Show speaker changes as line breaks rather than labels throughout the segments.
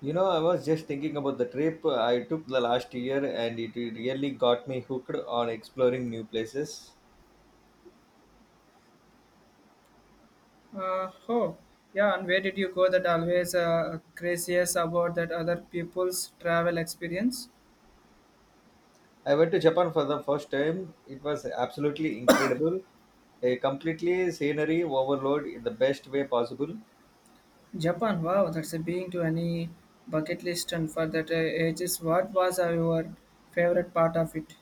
You know, I was just thinking about the trip I took the last year and it really got me hooked on exploring new places.
Oh, yeah, and where did you go that always craziest about that other people's travel experience?
I went to Japan for the first time. It was absolutely incredible. A completely scenery overload in the best way possible.
Japan, wow, that's a being to any bucket list and for that ages. What was your favorite part of it?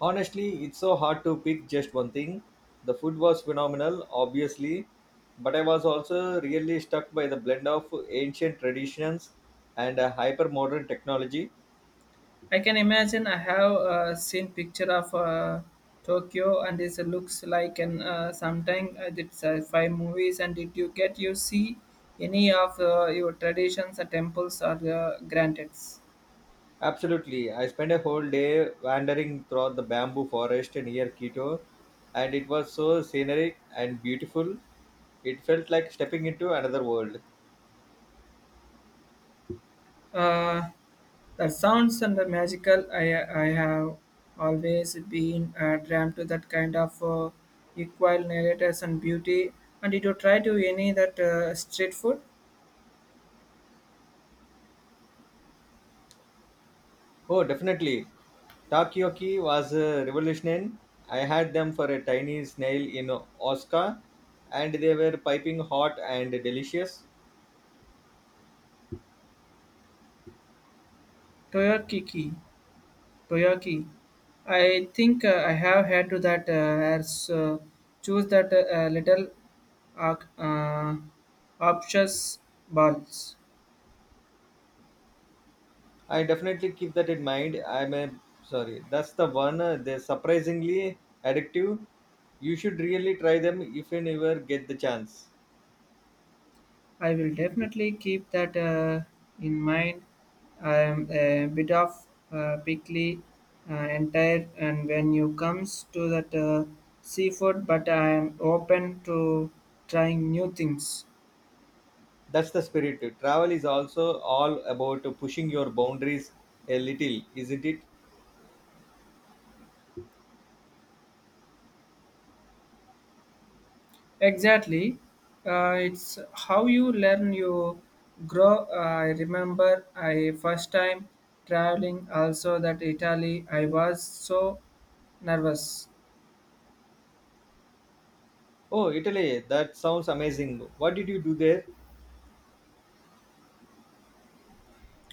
Honestly, it's so hard to pick just one thing. The food was phenomenal, obviously, but I was also really struck by the blend of ancient traditions and hyper modern technology.
I can imagine I have seen picture of Tokyo and it looks like an sometime I did sci-fi movies and did you get you see any of your traditions, temples or granted?
Absolutely. I spent a whole day wandering throughout the bamboo forest near Quito, and it was so scenic and beautiful. It felt like stepping into another world.
Uh, The sounds and the magical I have always been drawn to that kind of equal narrators and beauty. And did you try to any that street food?
Oh, definitely. Takoyaki was a revolution. I had them for a tiny snail in Osaka, and they were piping hot and delicious.
Toyakiki. Toyaki. I think I have had to that as choose that little uh, uh, obtuse balls.
I definitely keep that in mind. I'm a sorry, that's the one. They're surprisingly addictive. You should really try them if you never get the chance.
I will definitely keep that in mind. I am a bit of pickly uh, and and when you comes to that seafood, but I am open to trying new things.
That's the spirit. Travel is also all about pushing your boundaries a little, isn't it?
Exactly, it's how you learn. You grow. I remember I first time traveling also that Italy. I was so nervous.
Oh, Italy, that sounds amazing. What did you do there?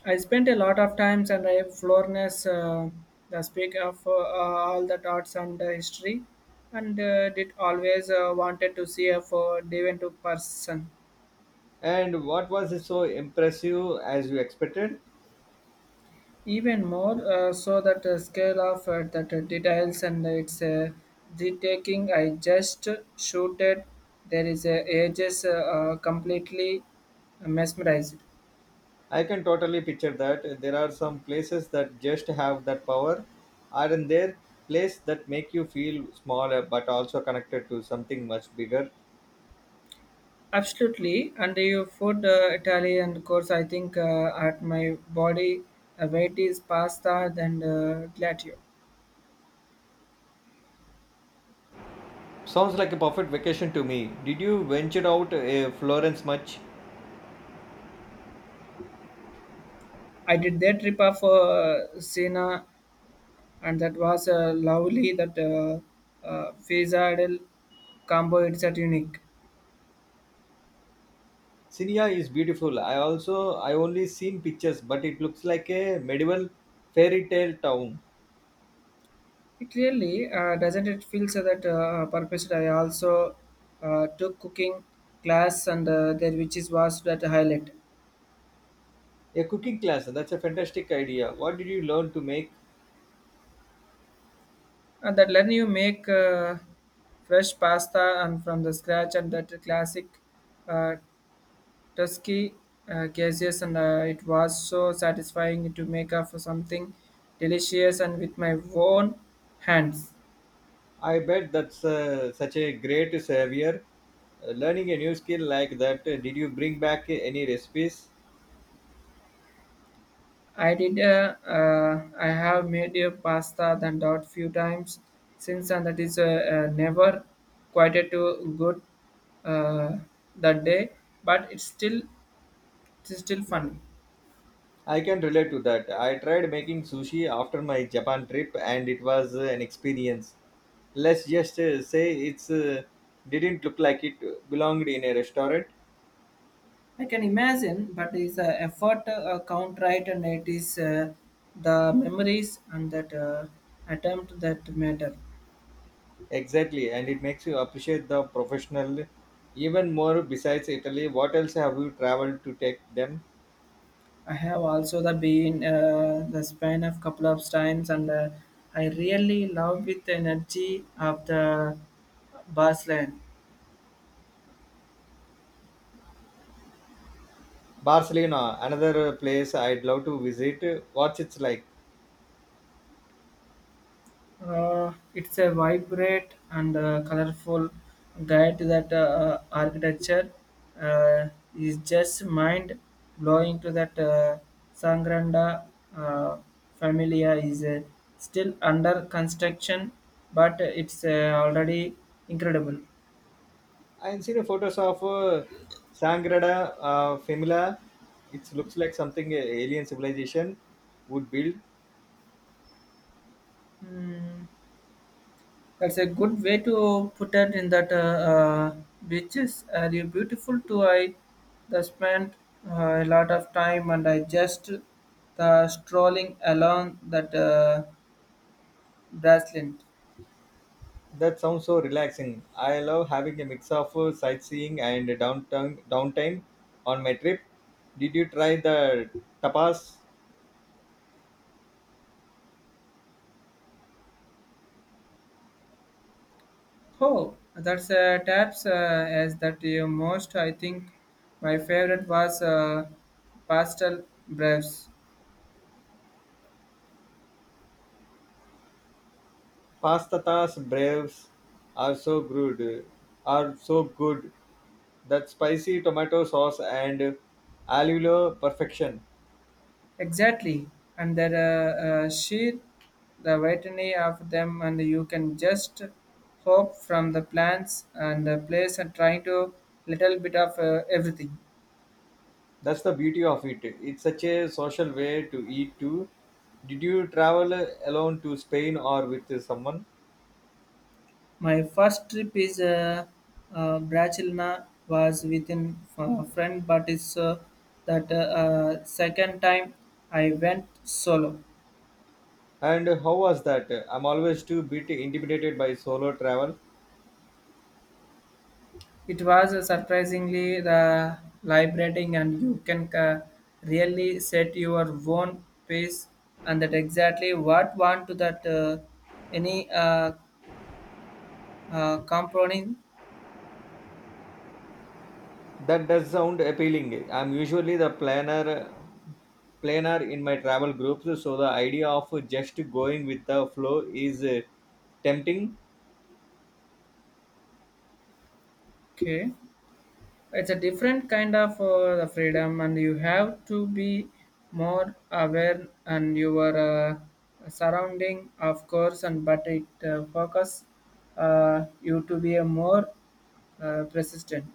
I spent a lot of times and I have Florence, the speak of all the arts and history, and did always wanted to see a for Devon to person.
And what was it so impressive as you expected?
Even more so that the scale of that details and its retaking I just shooted. There is a ages completely mesmerized.
I can totally picture that. There are some places that just have that power, aren't there? Places that make you feel smaller but also connected to something much bigger.
Absolutely, and your food, Italian course. I think at my body weight is pasta than glatio.
Sounds like a perfect vacation to me. Did you venture out Florence much?
I did that trip of Siena, and that was lovely. That faisal combo. It's at unique.
Siniya is beautiful. I also I only seen pictures, but it looks like a medieval fairy tale town.
It really doesn't. It feel so that purpose. I also took cooking class, and there which is was that highlight.
A cooking class. That's a fantastic idea. What did you learn to make?
And that learn you make fresh pasta and from the scratch and that classic uh, tusky cases and it was so satisfying to make up for something delicious and with my own hands.
I bet that's such a great savior. Learning a new skill like that. Did you bring back any recipes?
I have made a pasta than doubt few times since and that is never quite a too good uh, that day but it's still fun.
I can relate to that. I tried making sushi after my Japan trip, and it was an experience. Let's just say it's didn't look like it belonged in a restaurant.
I can imagine, but it's a effort count right, and it is the memories and that attempt that matter.
Exactly, and it makes you appreciate the professional even more. Besides Italy, what else have you traveled to take them?
I have also the been the span of couple of times, and I really love with the energy of the Barcelona.
Barcelona, another place I'd love to visit. What's it's like?
It's a vibrant and colorful guide that architecture uh, is just mind blowing to that Sangranda uh, Familia is still under construction, but it's already incredible.
I've seen photos of Sangrada Familia. It looks like something a alien civilization would build.
Hmm, that's a good way to put it in that beaches are you beautiful too. I the spent a lot of time and I just the strolling along that bracelet.
That sounds so relaxing. I love having a mix of sightseeing and downtown downtime on my trip. Did you try the tapas?
Oh, that's taps as that you most. I think my favorite was pastel brush.
Pasta's braves are so good, are so good, that spicy tomato sauce and allulo perfection.
Exactly, and there are sheer the variety of them, and you can just hope from the plants and the place and trying to little bit of everything.
That's the beauty of it. It's such a social way to eat too. Did you travel alone to Spain or with someone?
My first trip is Bracilna was within a friend, but it's that second time I went solo.
And how was that? I'm always too bit intimidated by solo travel.
It was surprisingly the liberating, and you can really set your own pace, and that exactly what want to that any compounding.
That does sound appealing. I'm usually the planner in my travel groups, so the idea of just going with the flow is tempting.
Okay, it's a different kind of the freedom, and you have to be more aware and your surrounding, of course, and but it focus you to be a more persistent.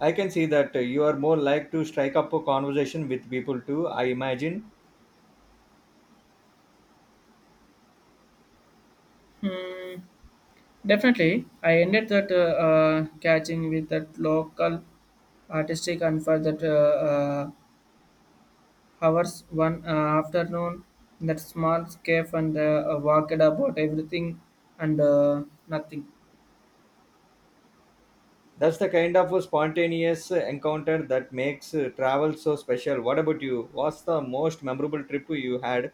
I can see that you are more like to strike up a conversation with people too. I imagine
Hmm. Definitely, I ended that catching with that local artistic and for that hours one afternoon in that small cave and walked about everything and nothing.
that's the kind of a spontaneous encounter that makes travel so special. What about you? What's the most memorable trip you had?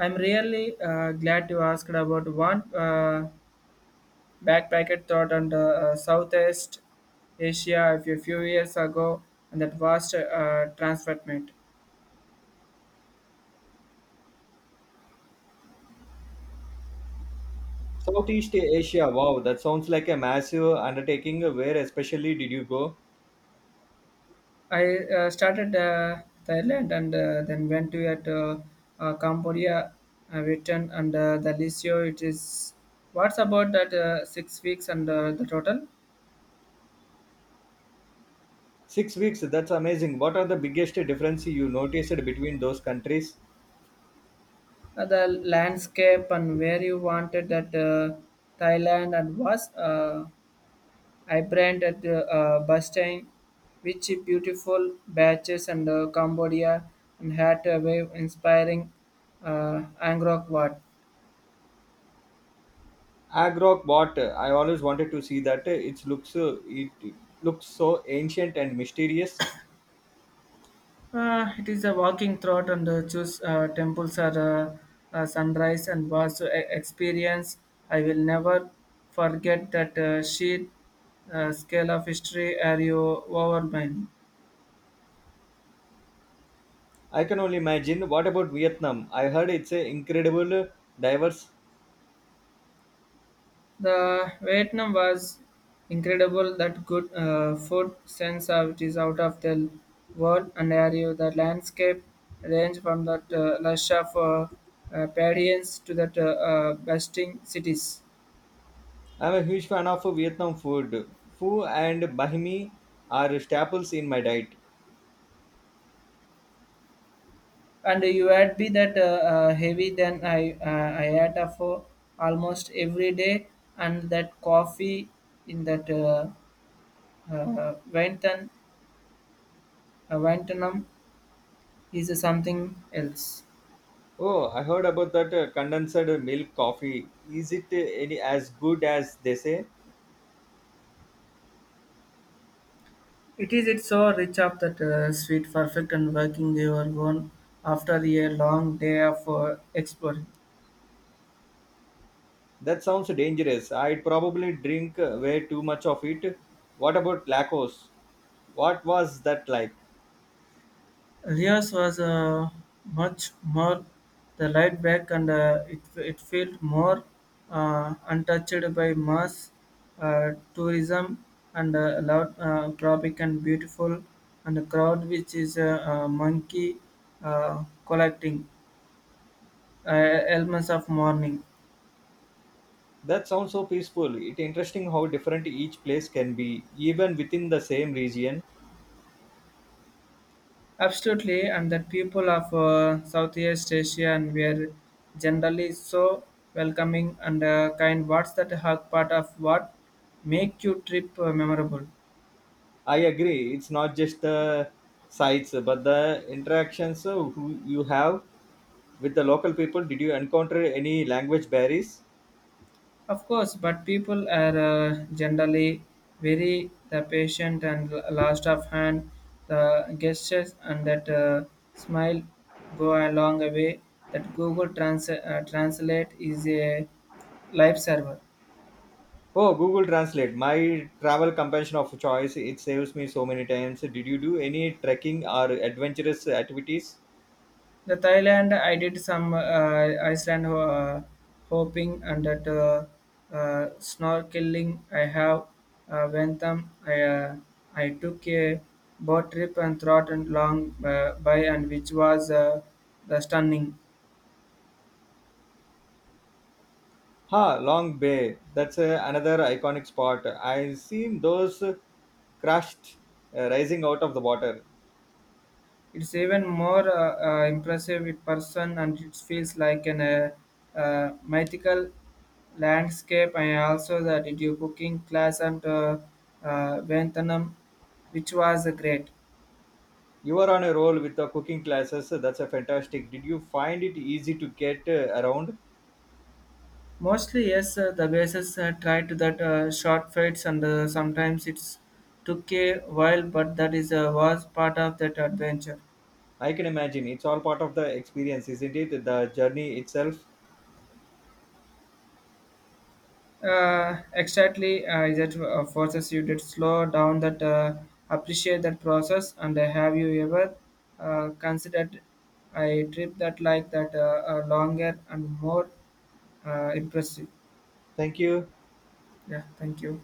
I'm really glad you asked about one backpacker thought on the Southeast Asia a few years ago and that vast transferment.
Southeast Asia. Wow, that sounds like a massive undertaking. Where especially did you go?
I started Thailand and then went to at Cambodia, returned and the Lisio. It is what's about that 6 weeks and the total.
6 weeks, that's amazing. What are the biggest differences you noticed between those countries?
Uh, the landscape and where you wanted that Thailand and was. I branded Bastang, which beautiful beaches and Cambodia and had a very inspiring Angkor Wat.
Agro, what? I always wanted to see that. It looks , it looks so ancient and mysterious.
It is a walking throughout and choose temples are sunrise and was experience. I will never forget that sheer scale of history are you overwhelmed.
I can only imagine. What about Vietnam? I heard it's a incredible diverse.
The Vietnam was incredible that good food sense of it is out of the world and are you the landscape range from that lush of prairies to that bustling cities.
I'm a huge fan of Vietnam food. Pho and banh mi are staples in my diet.
And you add be that heavy than I had for almost every day, and that coffee in that Vainton, Vaintonum is something else.
Oh, I heard about that condensed milk coffee. Is it any as good as they say?
It's so rich of that sweet, perfect, and working your own after a long day of exploring.
That sounds dangerous. I'd probably drink way too much of it. What about Lacos? What was that like?
Rios was much more the laid back and it felt more untouched by mass tourism and loud tropic and beautiful and a crowd which is a monkey collecting elements of morning.
That sounds so peaceful. It's interesting how different each place can be, even within the same region.
Absolutely, and that people of Southeast Asia and were generally so welcoming and kind. What's that hug part of what make your trip memorable?
I agree. It's not just the sights, but the interactions who you have with the local people. Did you encounter any language barriers?
Of course, but people are generally very the patient and last of hand. The gestures and that smile go a long way. That Google Translate is a lifesaver.
Oh, Google Translate, my travel companion of choice. It saves me so many times. Did you do any trekking or adventurous activities?
The Thailand, I did some Iceland hopping and that snorkeling. I have went them. I took a boat trip and thought and long by and which was the stunning.
Ha, Long Bay. That's another iconic spot. I seen those crushed rising out of the water.
It's even more impressive in person and it feels like an mythical landscape. I also that did you cooking class and Vietnam, which was great.
You were on a roll with the cooking classes. That's a fantastic. Did you find it easy to get around?
Mostly, yes, the bases tried to that short fights, and sometimes it's took a while, but that is was part of that adventure.
I can imagine. It's all part of the experience, isn't it? The journey itself.
Exactly, that forces you to slow down, that appreciate that process, and have you ever considered a trip that like that longer and more impressive?
Thank you.
Yeah, thank you.